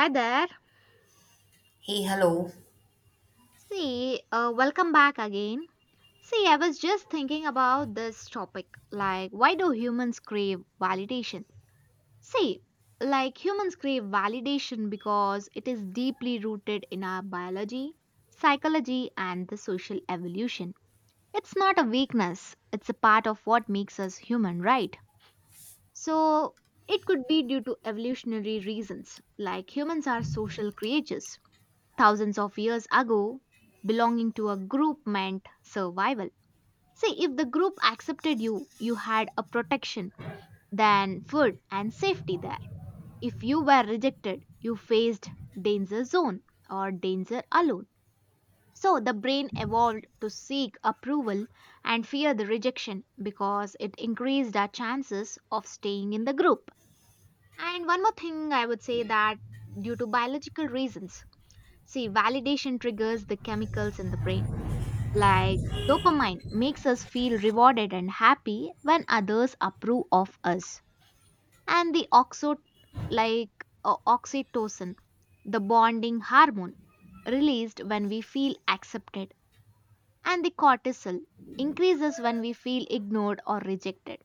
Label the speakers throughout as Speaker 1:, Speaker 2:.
Speaker 1: Hi there.
Speaker 2: Hey, hello.
Speaker 1: Welcome back again. See, I was just thinking about this topic, like, why do humans crave validation? See, Humans crave validation because it is deeply rooted in our biology, psychology, and the social evolution. It's not a weakness, it's a part of what makes us human, right? So, it could be due to evolutionary reasons, like humans are social creatures thousands of years ago, belonging to a group meant survival. See, if the group accepted you, you had a protection, then food and safety there. If you were rejected, you faced danger zone or danger alone. So the brain evolved to seek approval and fear the rejection because it increased our chances of staying in the group. And one more thing I would say, that due to biological reasons, validation triggers the chemicals in the brain. Like dopamine makes us feel rewarded and happy when others approve of us. And the oxo like oxytocin, the bonding hormone, released when we feel accepted. And the cortisol increases when we feel ignored or rejected.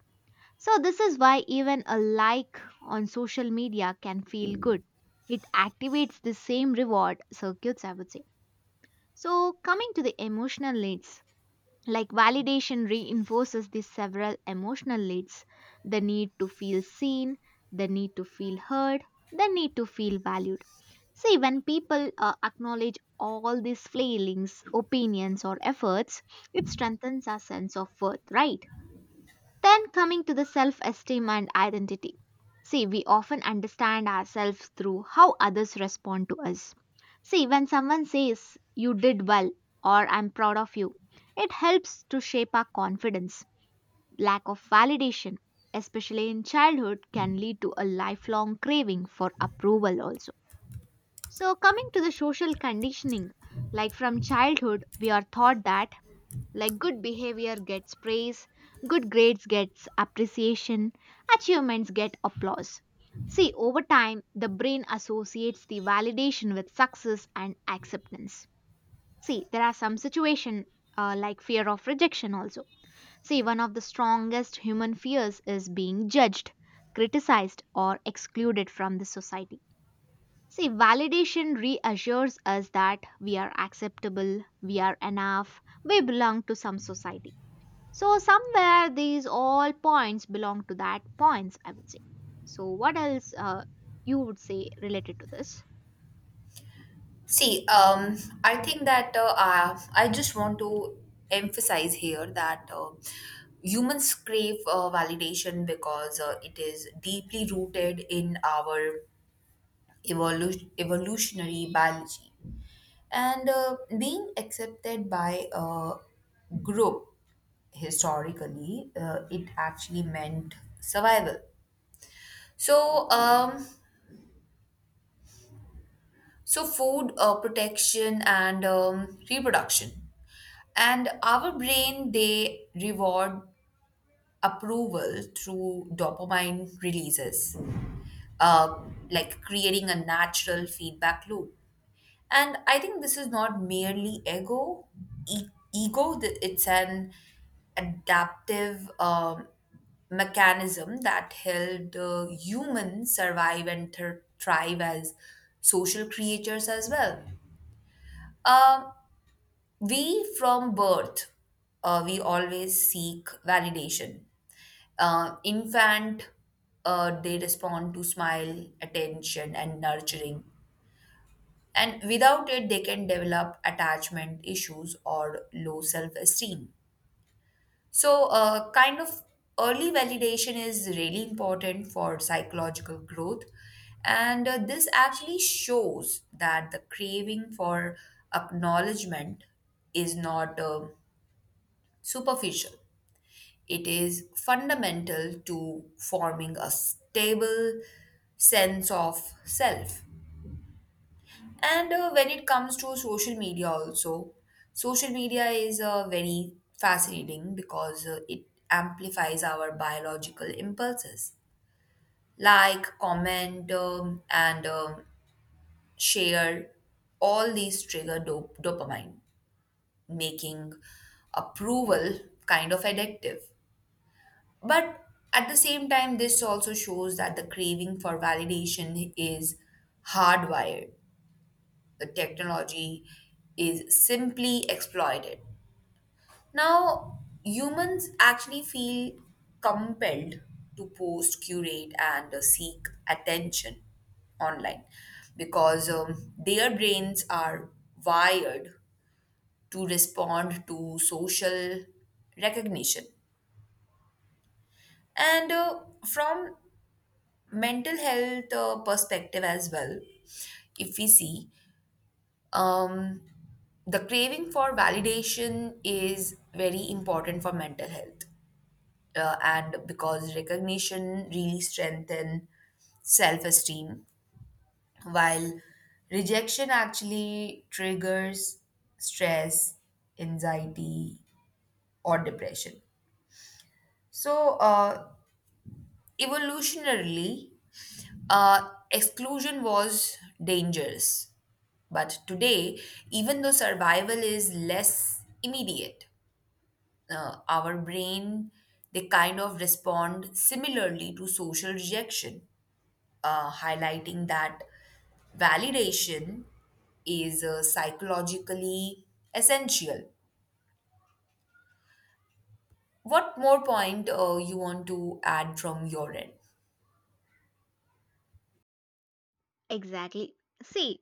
Speaker 1: So this is why even a like on social media can feel good. It activates the same reward circuits, I would say. So, coming to the emotional needs, like, validation reinforces these several emotional needs: the need to feel seen, the need to feel heard, the need to feel valued. See, when people acknowledge all these feelings, opinions, or efforts, it strengthens our sense of worth, right? Then coming to the self esteem and identity. See, we often understand ourselves through how others respond to us. See, when someone says, "You did well," or "I'm proud of you," it helps to shape our confidence. Lack of validation, especially in childhood, can lead to a lifelong craving for approval also. So, coming to the social conditioning, like from childhood, we are taught that, like, good behavior gets praise, good grades gets appreciation, achievements get applause. See, over time, the brain associates the validation with success and acceptance. See, there are some situations, like fear of rejection also. See, one of the strongest human fears is being judged, criticized, or excluded from the society. See, validation reassures us that we are acceptable, we are enough, we belong to some society. So somewhere these all points belong to that points, I would say. So what else you would say related to this?
Speaker 2: See, um, I think that I just want to emphasize here that humans crave validation because it is deeply rooted in our evolutionary biology. And being accepted by a group historically, it actually meant survival. So, um, So, food protection and reproduction. And our brain, they reward approval through dopamine releases, uh, like creating a natural feedback loop. And I think this is not merely e- ego, it's an adaptive mechanism that helped humans survive and thrive as social creatures as well. Um, we from birth, we always seek validation. Infant, they respond to smile, attention, and nurturing. And without it, they can develop attachment issues or low self esteem. So, kind of early validation is really important for psychological growth. And this actually shows that the craving for acknowledgement is not superficial, it is fundamental to forming a stable sense of self. And when it comes to social media, also, social media is very fascinating because it amplifies our biological impulses like, comment, and share. All these trigger dopamine, making approval kind of addictive. But at the same time, this also shows that the craving for validation is hardwired, the technology is simply exploited. Now, humans actually feel compelled to post, curate, and seek attention online because their brains are wired to respond to social recognition. And from mental health perspective as well, if we see, um, the craving for validation is very important for mental health and because recognition really strengthens self-esteem, while rejection actually triggers stress, anxiety, or depression. So evolutionarily, exclusion was dangerous, but today, even though survival is less immediate, our brain, they kind of respond similarly to social rejection, highlighting that validation is psychologically essential. What more point you want to add from your end?
Speaker 1: Exactly. See,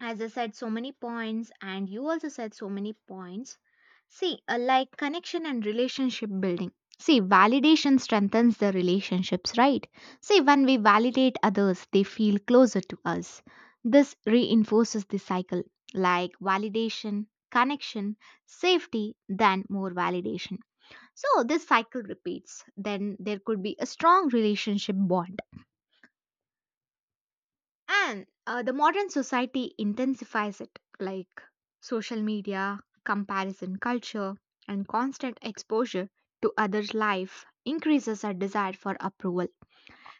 Speaker 1: as I said so many points, and you also said so many points. Like connection and relationship building. See, validation strengthens the relationships, right? See, when we validate others, they feel closer to us. This reinforces the cycle, like validation, connection, safety, then more validation. So, this cycle repeats. Then there could be a strong relationship bond, and the modern society intensifies it, like social media, comparison culture, and constant exposure to others' life increases our desire for approval.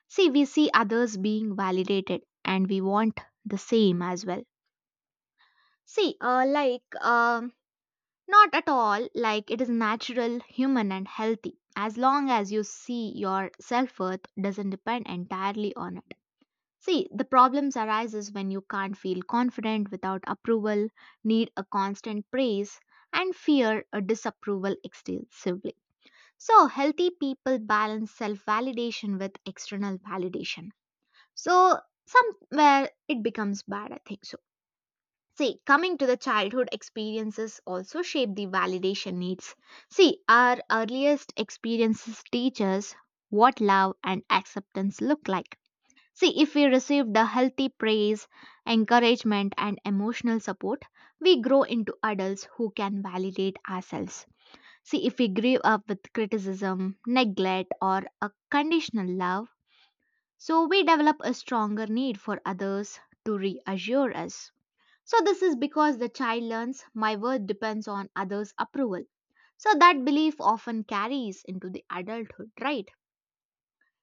Speaker 1: See, we see others being validated and we want the same as well. See, uh, like, um, Not at all, like, it is natural, human, and healthy as long as you see your self worth doesn't depend entirely on it. See, the problems arises when you can't feel confident without approval, need a constant praise, and fear a disapproval extensively. So, healthy people balance self-validation with external validation. So, somewhere it becomes bad, I think so. See, coming to the childhood experiences also shape the validation needs. See, our earliest experiences teach us what love and acceptance look like. See, if we receive the healthy praise, encouragement, and emotional support, we grow into adults who can validate ourselves. See, if we grew up with criticism, neglect, or a conditional love, so we develop a stronger need for others to reassure us. So, this is because the child learns, my worth depends on others' approval. So, that belief often carries into the adulthood, right?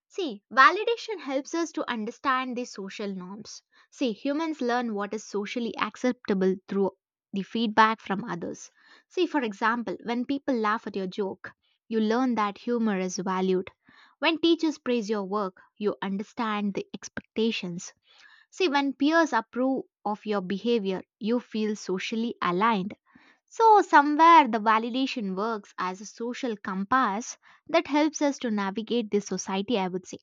Speaker 1: See, validation helps us to understand the social norms. See, humans learn what is socially acceptable through the feedback from others. See, for example, when people laugh at your joke, you learn that humor is valued. When teachers praise your work, you understand the expectations. See, when peers approve of your behavior, you feel socially aligned. So, somewhere the validation works as a social compass that helps us to navigate this society, I would say.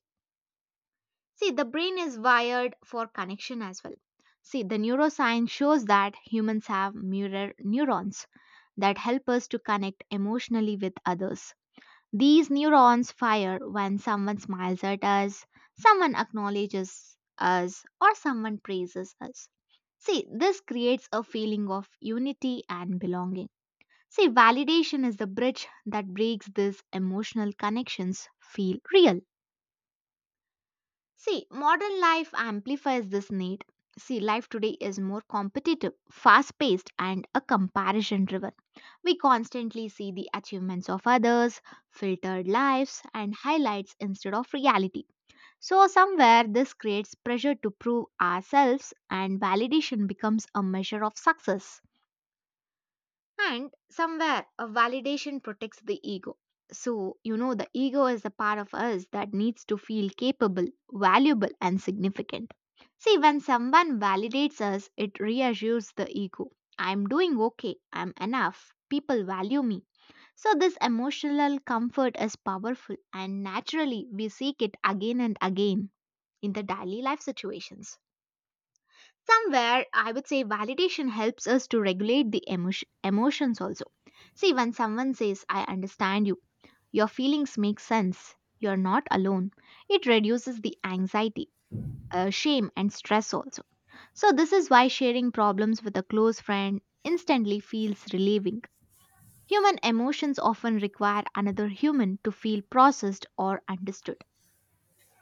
Speaker 1: See, the brain is wired for connection as well. See, the neuroscience shows that humans have mirror neurons that help us to connect emotionally with others. These neurons fire when someone smiles at us, someone acknowledges us, or someone praises us. See, this creates a feeling of unity and belonging. See, validation is the bridge that breaks these emotional connections feel real. See, modern life amplifies this need. See, life today is more competitive, fast paced, and a comparison driven. We constantly see the achievements of others, filtered lives, and highlights instead of reality. So, somewhere this creates pressure to prove ourselves, and validation becomes a measure of success. And somewhere a validation protects the ego. So, you know, the ego is the part of us that needs to feel capable, valuable, and significant. See, when someone validates us, it reassures the ego. I'm doing okay, I'm enough, people value me. So, this emotional comfort is powerful, and naturally, we seek it again and again in the daily life situations. Somewhere, I would say validation helps us to regulate emotions also. See, when someone says, I understand you, your feelings make sense, you're not alone, it reduces the anxiety, shame, and stress also. So, this is why sharing problems with a close friend instantly feels relieving. Human emotions often require another human to feel processed or understood.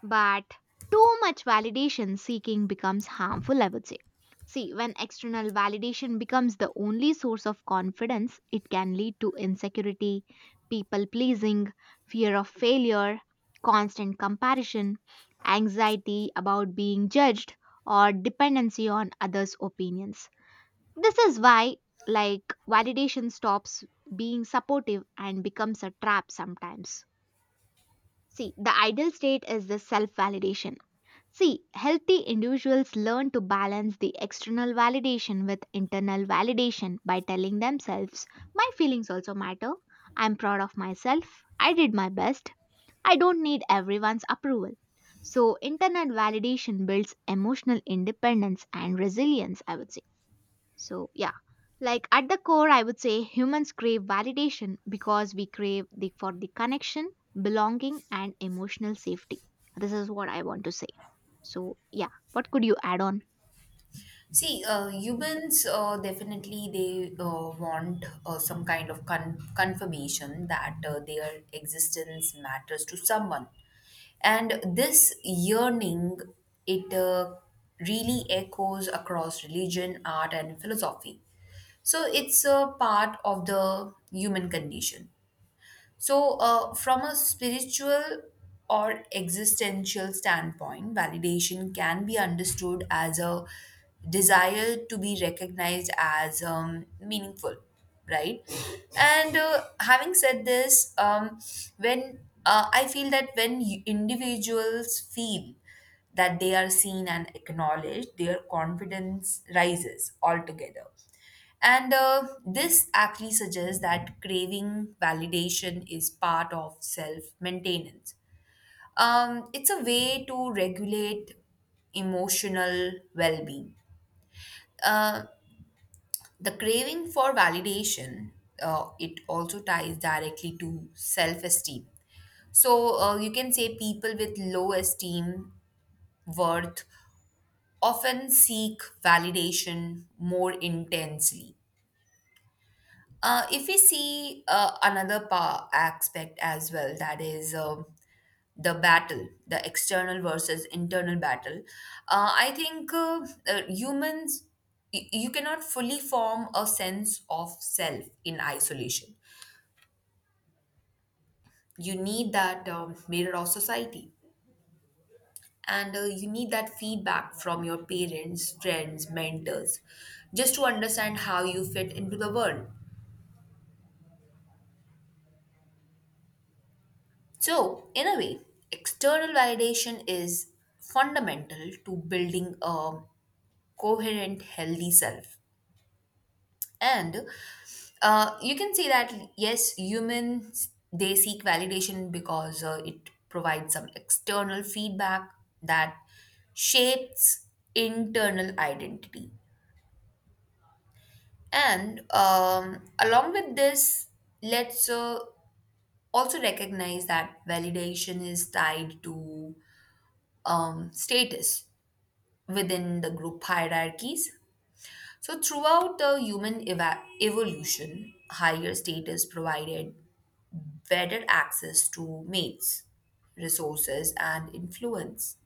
Speaker 1: But too much validation seeking becomes harmful, I would say. See, when external validation becomes the only source of confidence, it can lead to insecurity, people pleasing, fear of failure, constant comparison, anxiety about being judged, or dependency on others' opinions. This is why, like, validation stops being supportive and becomes a trap sometimes. See, the ideal state is the self validation. See, healthy individuals learn to balance the external validation with internal validation by telling themselves, my feelings also matter. I'm proud of myself. I did my best. I don't need everyone's approval. So, internal validation builds emotional independence and resilience, I would say. So, yeah, like at the core, I would say humans crave validation because we crave for the connection, belonging, and emotional safety. This is what I want to say. So, yeah, what could you add on?
Speaker 2: See, humans definitely they want some kind of confirmation that their existence matters to someone, and this yearning, it really echoes across religion, art, and philosophy. So it's a part of the human condition. So, from a spiritual or existential standpoint, validation can be understood as a desire to be recognized as meaningful, right? And having said this, when I feel that when individuals feel that they are seen and acknowledged, their confidence rises altogether. And this actually suggests that craving validation is part of self maintenance. It's a way to regulate emotional well being. Uh, the craving for validation, it also ties directly to self esteem. So you can say people with low esteem, worth, often seek validation more intensely. If we see another aspect as well, that is the battle, the external versus internal battle, I think humans, you cannot fully form a sense of self in isolation. You need that mirror of society, and you need that feedback from your parents, friends, mentors, just to understand how you fit into the world. So, in a way, external validation is fundamental to building a coherent, healthy self. And you can say that yes, humans they seek validation because it provides some external feedback that shapes internal identity. And along with this, let's also recognize that validation is tied to status within the group hierarchies. So, throughout the human evolution, higher status provided better access to mates, resources, and influence.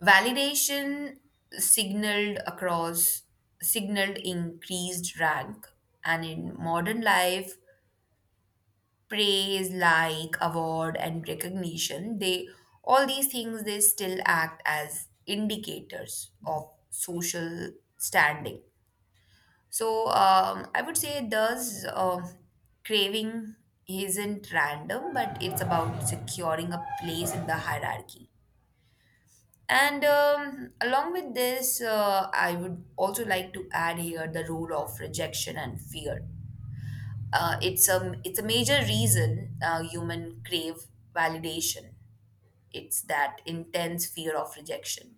Speaker 2: Validation signaled across signaled increased rank, and in modern life, praise, like, award, and recognition, they, all these things, they still act as indicators of social standing. So I would say thus craving isn't random, but it's about securing a place in the hierarchy. And along with this, I would also like to add here the role of rejection and fear. It's a, it's a major reason human crave validation. It's that intense fear of rejection.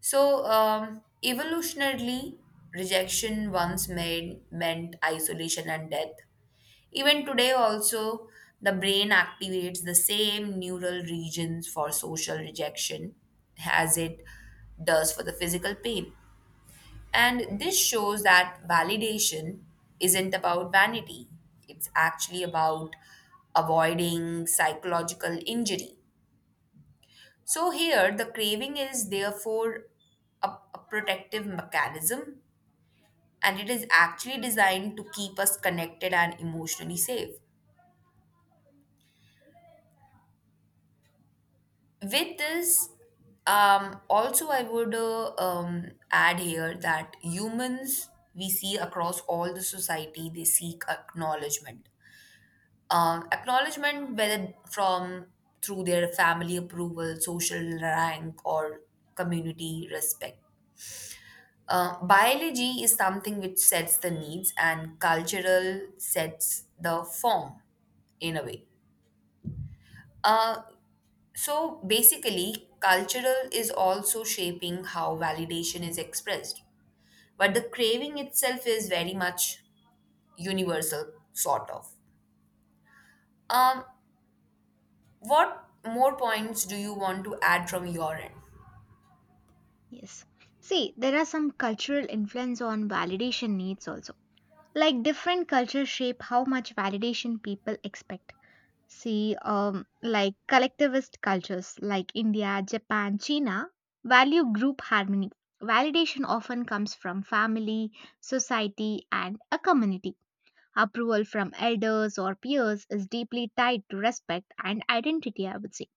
Speaker 2: So, evolutionarily, rejection once made, meant isolation and death. Even today, also, the brain activates the same neural regions for social rejection as it does for the physical pain. And this shows that validation isn't about vanity, it's actually about avoiding psychological injury. So here, the craving is therefore a, a protective mechanism, and it is actually designed to keep us connected and emotionally safe. With this, also I would add here that humans, we see across all the society they seek acknowledgement. Acknowledgement whether from through their family approval, social rank, or community respect. Biology is something which sets the needs, and cultural sets the form in a way. Uh, so basically, cultural is also shaping how validation is expressed, but the craving itself is very much universal, sort of. Um, what more points do you want to add from your end?
Speaker 1: Yes. See, there are some cultural influence on validation needs also. Like different cultures shape how much validation people expect. Like collectivist cultures like India, Japan, China, value group harmony. Validation often comes from family, society, and a community. Approval from elders or peers is deeply tied to respect and identity, I would say.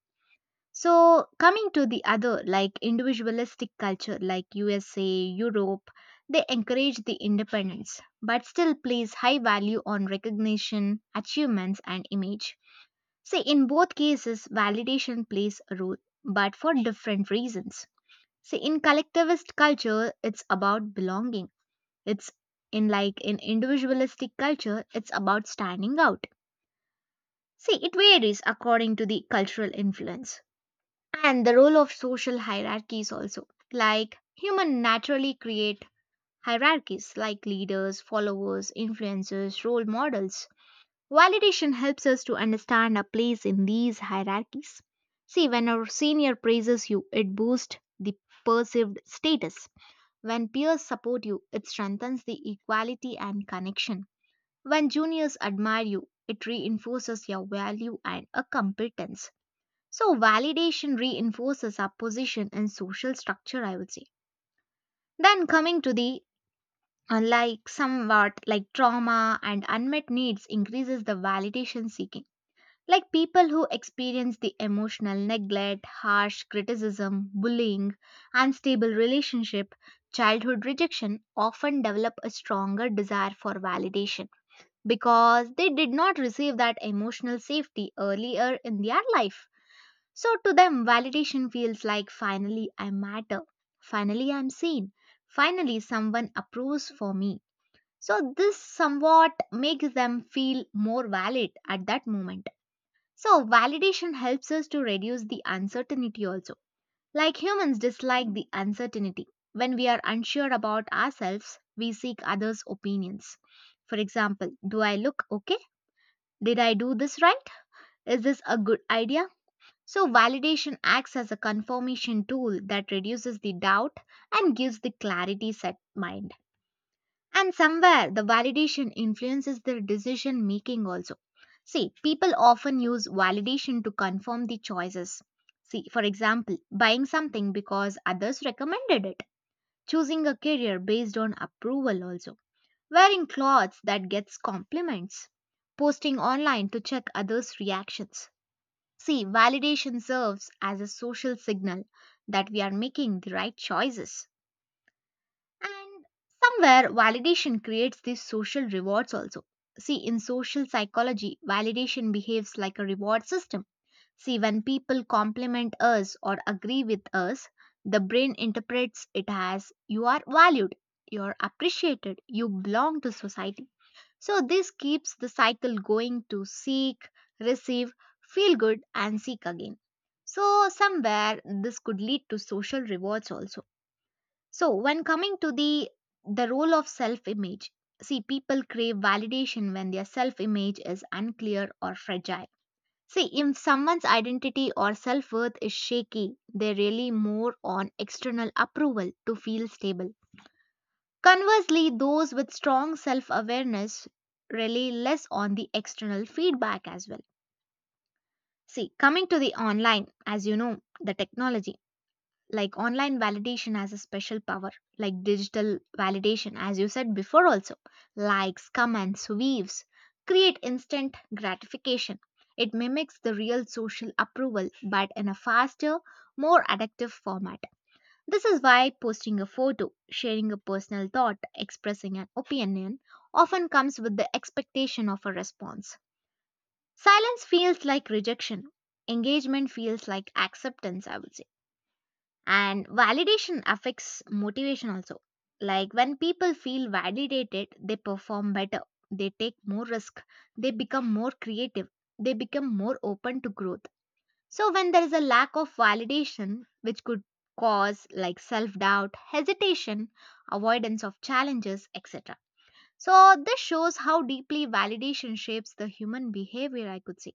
Speaker 1: So, coming to the other, like individualistic culture like USA, Europe, they encourage the independence but still place high value on recognition, achievements, and image. See, in both cases, validation plays a role, but for different reasons. See, in collectivist culture, it's about belonging. It's in like in individualistic culture, it's about standing out. See, it varies according to the cultural influence and the role of social hierarchies also. Like human naturally create hierarchies like leaders, followers, influencers, role models. Validation helps us to understand our place in these hierarchies. See, when our senior praises you, it boosts the perceived status. When peers support you, it strengthens the equality and connection. When juniors admire you, it reinforces your value and a competence. So, validation reinforces our position in social structure, I would say. Then, coming to the unlike somewhat like trauma and unmet needs increases the validation seeking, like people who experience the emotional neglect, harsh criticism, bullying, unstable relationship, childhood rejection often develop a stronger desire for validation because they did not receive that emotional safety earlier in their life. So to them validation feels like, finally I matter, finally I'm seen, finally someone approves for me. So this somewhat makes them feel more valid at that moment. So, validation helps us to reduce the uncertainty also. Like humans dislike the uncertainty. When we are unsure about ourselves, we seek others' opinions. For example, do I look okay? Did I do this right? Is this a good idea? So, validation acts as a confirmation tool that reduces the doubt and gives the clarity set mind. And somewhere the validation influences their decision making also. See, people often use validation to confirm the choices. See, for example, buying something because others recommended it, choosing a career based on approval also, wearing clothes that gets compliments, posting online to check others' reactions. See, validation serves as a social signal that we are making the right choices. And somewhere, validation creates these social rewards also. See, in social psychology, validation behaves like a reward system. See, when people compliment us or agree with us, the brain interprets it as you are valued, you are appreciated, you belong to society. So, this keeps the cycle going to seek, receive, feel good, and seek again. So, somewhere this could lead to social rewards also, so when coming to the role of self-image, see, people crave validation when their self-image is unclear or fragile. See, if someone's identity or self-worth is shaky, they rely more on external approval to feel stable. Conversely, those with strong self-awareness rely less on the external feedback as well. See, coming to the online, as you know, the technology. Like online validation has a special power, like digital validation, as you said before also, likes, comments, waves create instant gratification. It mimics the real social approval but in a faster, more addictive format. This is why posting a photo, sharing a personal thought, expressing an opinion often comes with the expectation of a response. Silence feels like rejection, engagement feels like acceptance, I would say. And validation affects motivation also. Like, when people feel validated, they perform better, they take more risk, they become more creative, they become more open to growth. So when there is a lack of validation, which could cause like self doubt, hesitation, avoidance of challenges, etc. So this shows how deeply validation shapes the human behavior, I could say.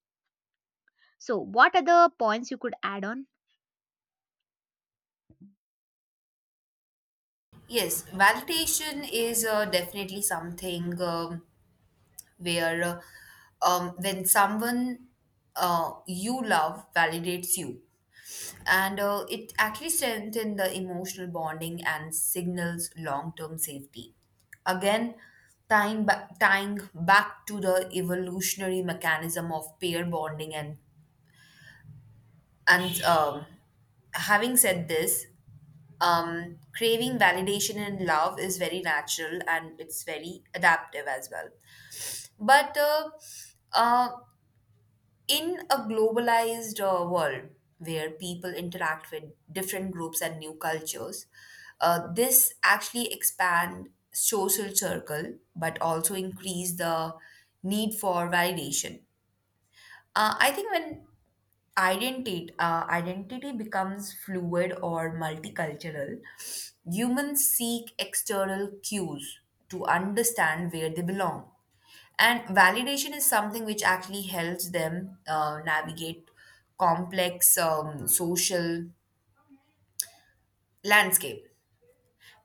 Speaker 1: So, what other points you could add on?
Speaker 2: Yes, validation is definitely something. Where When someone you love validates you, and it actually strengthens the emotional bonding and signals long-term safety, again tying, tying back to the evolutionary mechanism of pair bonding. And Having said this, craving validation and love is very natural and it's very adaptive as well. But uh, uh, in a globalized world where people interact with different groups and new cultures, this actually expand social circle, but also increase the need for validation. I think when identity becomes fluid or multicultural, humans seek external cues to understand where they belong, and validation is something which actually helps them navigate complex social landscape.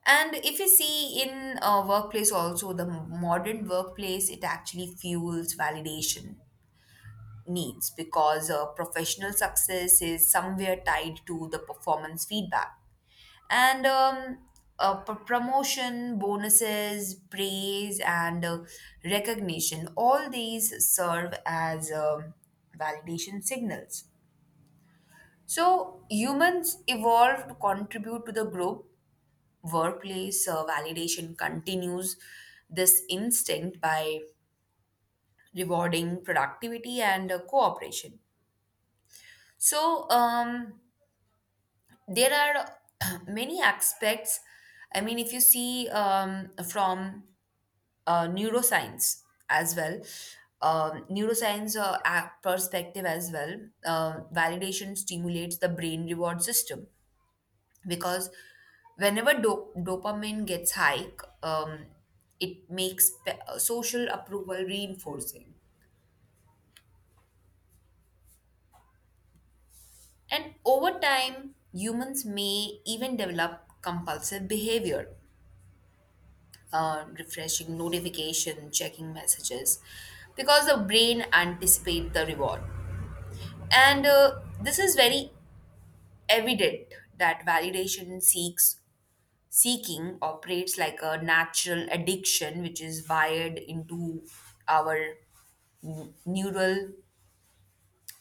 Speaker 2: And if you see in a workplace also, the modern workplace, it actually fuels validation needs because professional success is somewhere tied to the performance feedback. And promotion, bonuses, praise, and recognition, all these serve as validation signals. So, humans evolve to contribute to the group, workplace validation continues this instinct by rewarding productivity and cooperation. So there are many aspects. I mean if you see from neuroscience as well. Neuroscience perspective as well. Validation stimulates the brain reward system because whenever dopamine gets high, um, it makes social approval reinforcing, and over time humans may even develop compulsive behavior, refreshing notification, checking messages, because the brain anticipates the reward. And this is very evident that validation seeks seeking operates like a natural addiction, which is wired into our neural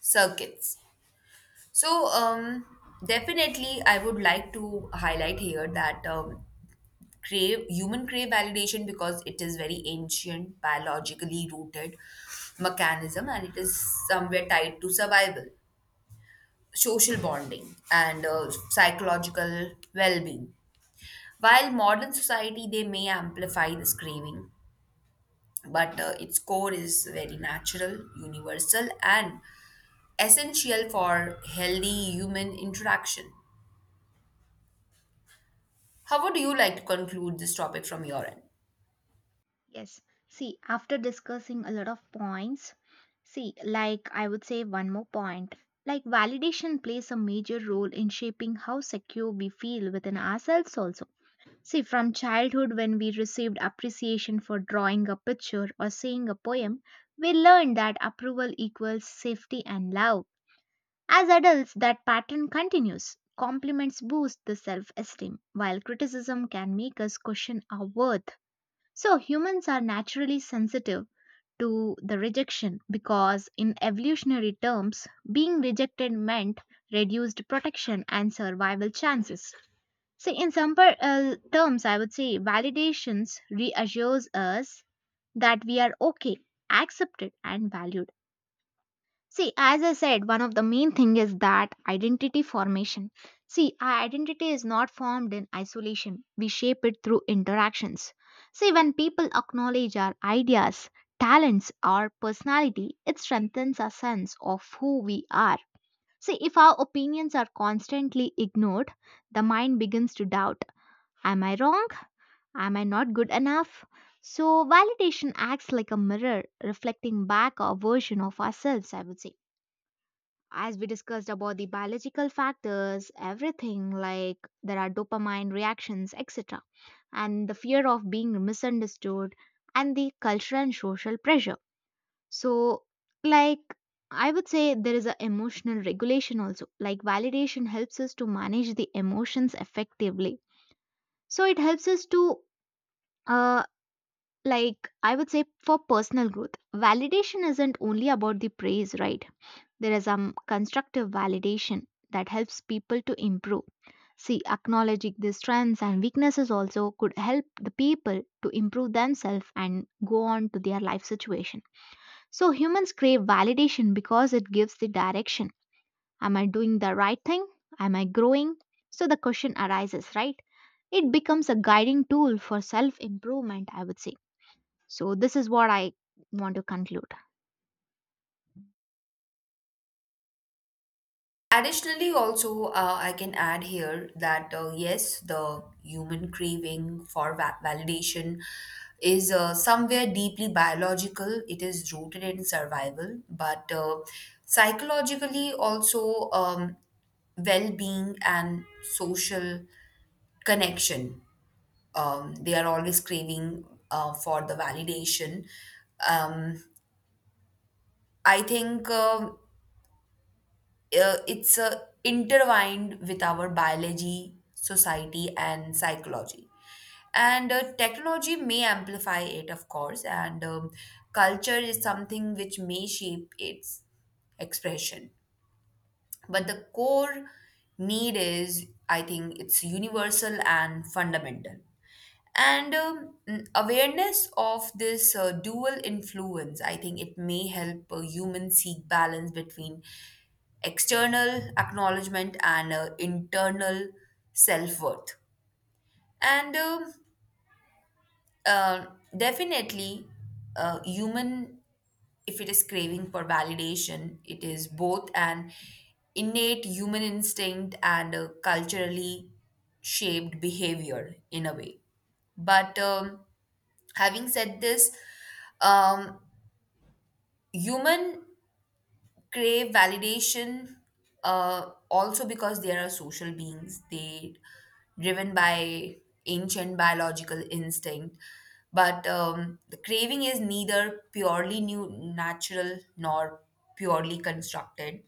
Speaker 2: circuits. So, definitely, I would like to highlight here that crave human crave validation because it is very ancient, biologically rooted mechanism, and it is somewhere tied to survival, social bonding, and psychological well-being. While modern society they may amplify this craving, but its core is very natural, universal, and essential for healthy human interaction. How would you like to conclude this topic from your end?
Speaker 1: Yes. See, after discussing a lot of points, see, like I would say one more point. Like validation plays a major role in shaping how secure we feel within ourselves, also. See, from childhood, when we received appreciation for drawing a picture or saying a poem, we learned that approval equals safety and love. As adults, that pattern continues. Compliments boost the self esteem, while criticism can make us question our worth. So humans are naturally sensitive to the rejection because in evolutionary terms being rejected meant reduced protection and survival chances. See, in simple terms I would say validations reassures us that we are okay, accepted and valued. See, as I said, one of the main thing is that identity formation. See, our identity is not formed in isolation. We shape it through interactions. See, when people acknowledge our ideas, talents, or personality, it strengthens our sense of who we are. See, if our opinions are constantly ignored, the mind begins to doubt. Am I wrong? Am I not good enough? So, validation acts like a mirror reflecting back a version of ourselves, I would say, as we discussed about the biological factors, everything like there are dopamine reactions, etc., and the fear of being misunderstood, and the cultural and social pressure. So, like, I would say there is an emotional regulation also. Like, validation helps us to manage the emotions effectively. So, it helps us to, uh, like, I would say, for personal growth, validation isn't only about the praise, right? There is some constructive validation that helps people to improve. See, acknowledging the strengths and weaknesses also could help the people to improve themselves and go on to their life situation. So, humans crave validation because it gives the direction. Am I doing the right thing? Am I growing? So, the question arises, right? It becomes a guiding tool for self improvement, I would say. So, this is what I want to conclude.
Speaker 2: Additionally, also, I can add here that yes, the human craving for validation is somewhere deeply biological. It is rooted in survival, but psychologically, also, well being and social connection. They are always craving for the validation. Um, I think. It's intertwined with our biology, society, and psychology. And technology may amplify it, of course, and culture is something which may shape its expression. But the core need is, I think, it's universal and fundamental. And awareness of this dual influence, I think it may help humans seek balance between external acknowledgement and internal self worth. And uh, Definitely, human, if it is craving for validation, it is both an innate human instinct and a culturally shaped behavior in a way. But having said this, um, human crave validation also because they are social beings, they driven by ancient biological instinct, but the craving is neither purely new natural nor purely constructed,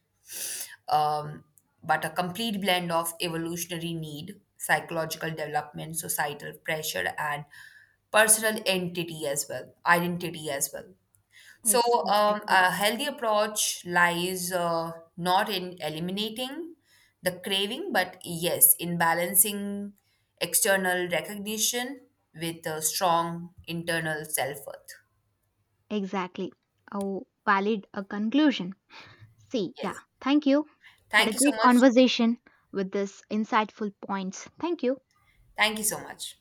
Speaker 2: um, but a complete blend of evolutionary need, psychological development, societal pressure, and personal entity as well identity as well.
Speaker 1: Yes,
Speaker 2: So,
Speaker 1: exactly.
Speaker 2: a healthy approach lies not in eliminating the craving, but yes, in balancing external recognition with a strong internal self worth.
Speaker 1: Exactly. A valid a conclusion. See, yeah.
Speaker 2: Yes.
Speaker 1: Thank you. Had
Speaker 2: Thank
Speaker 1: a
Speaker 2: you so
Speaker 1: great
Speaker 2: much.
Speaker 1: conversation with this insightful points. Thank you.
Speaker 2: Thank you so much.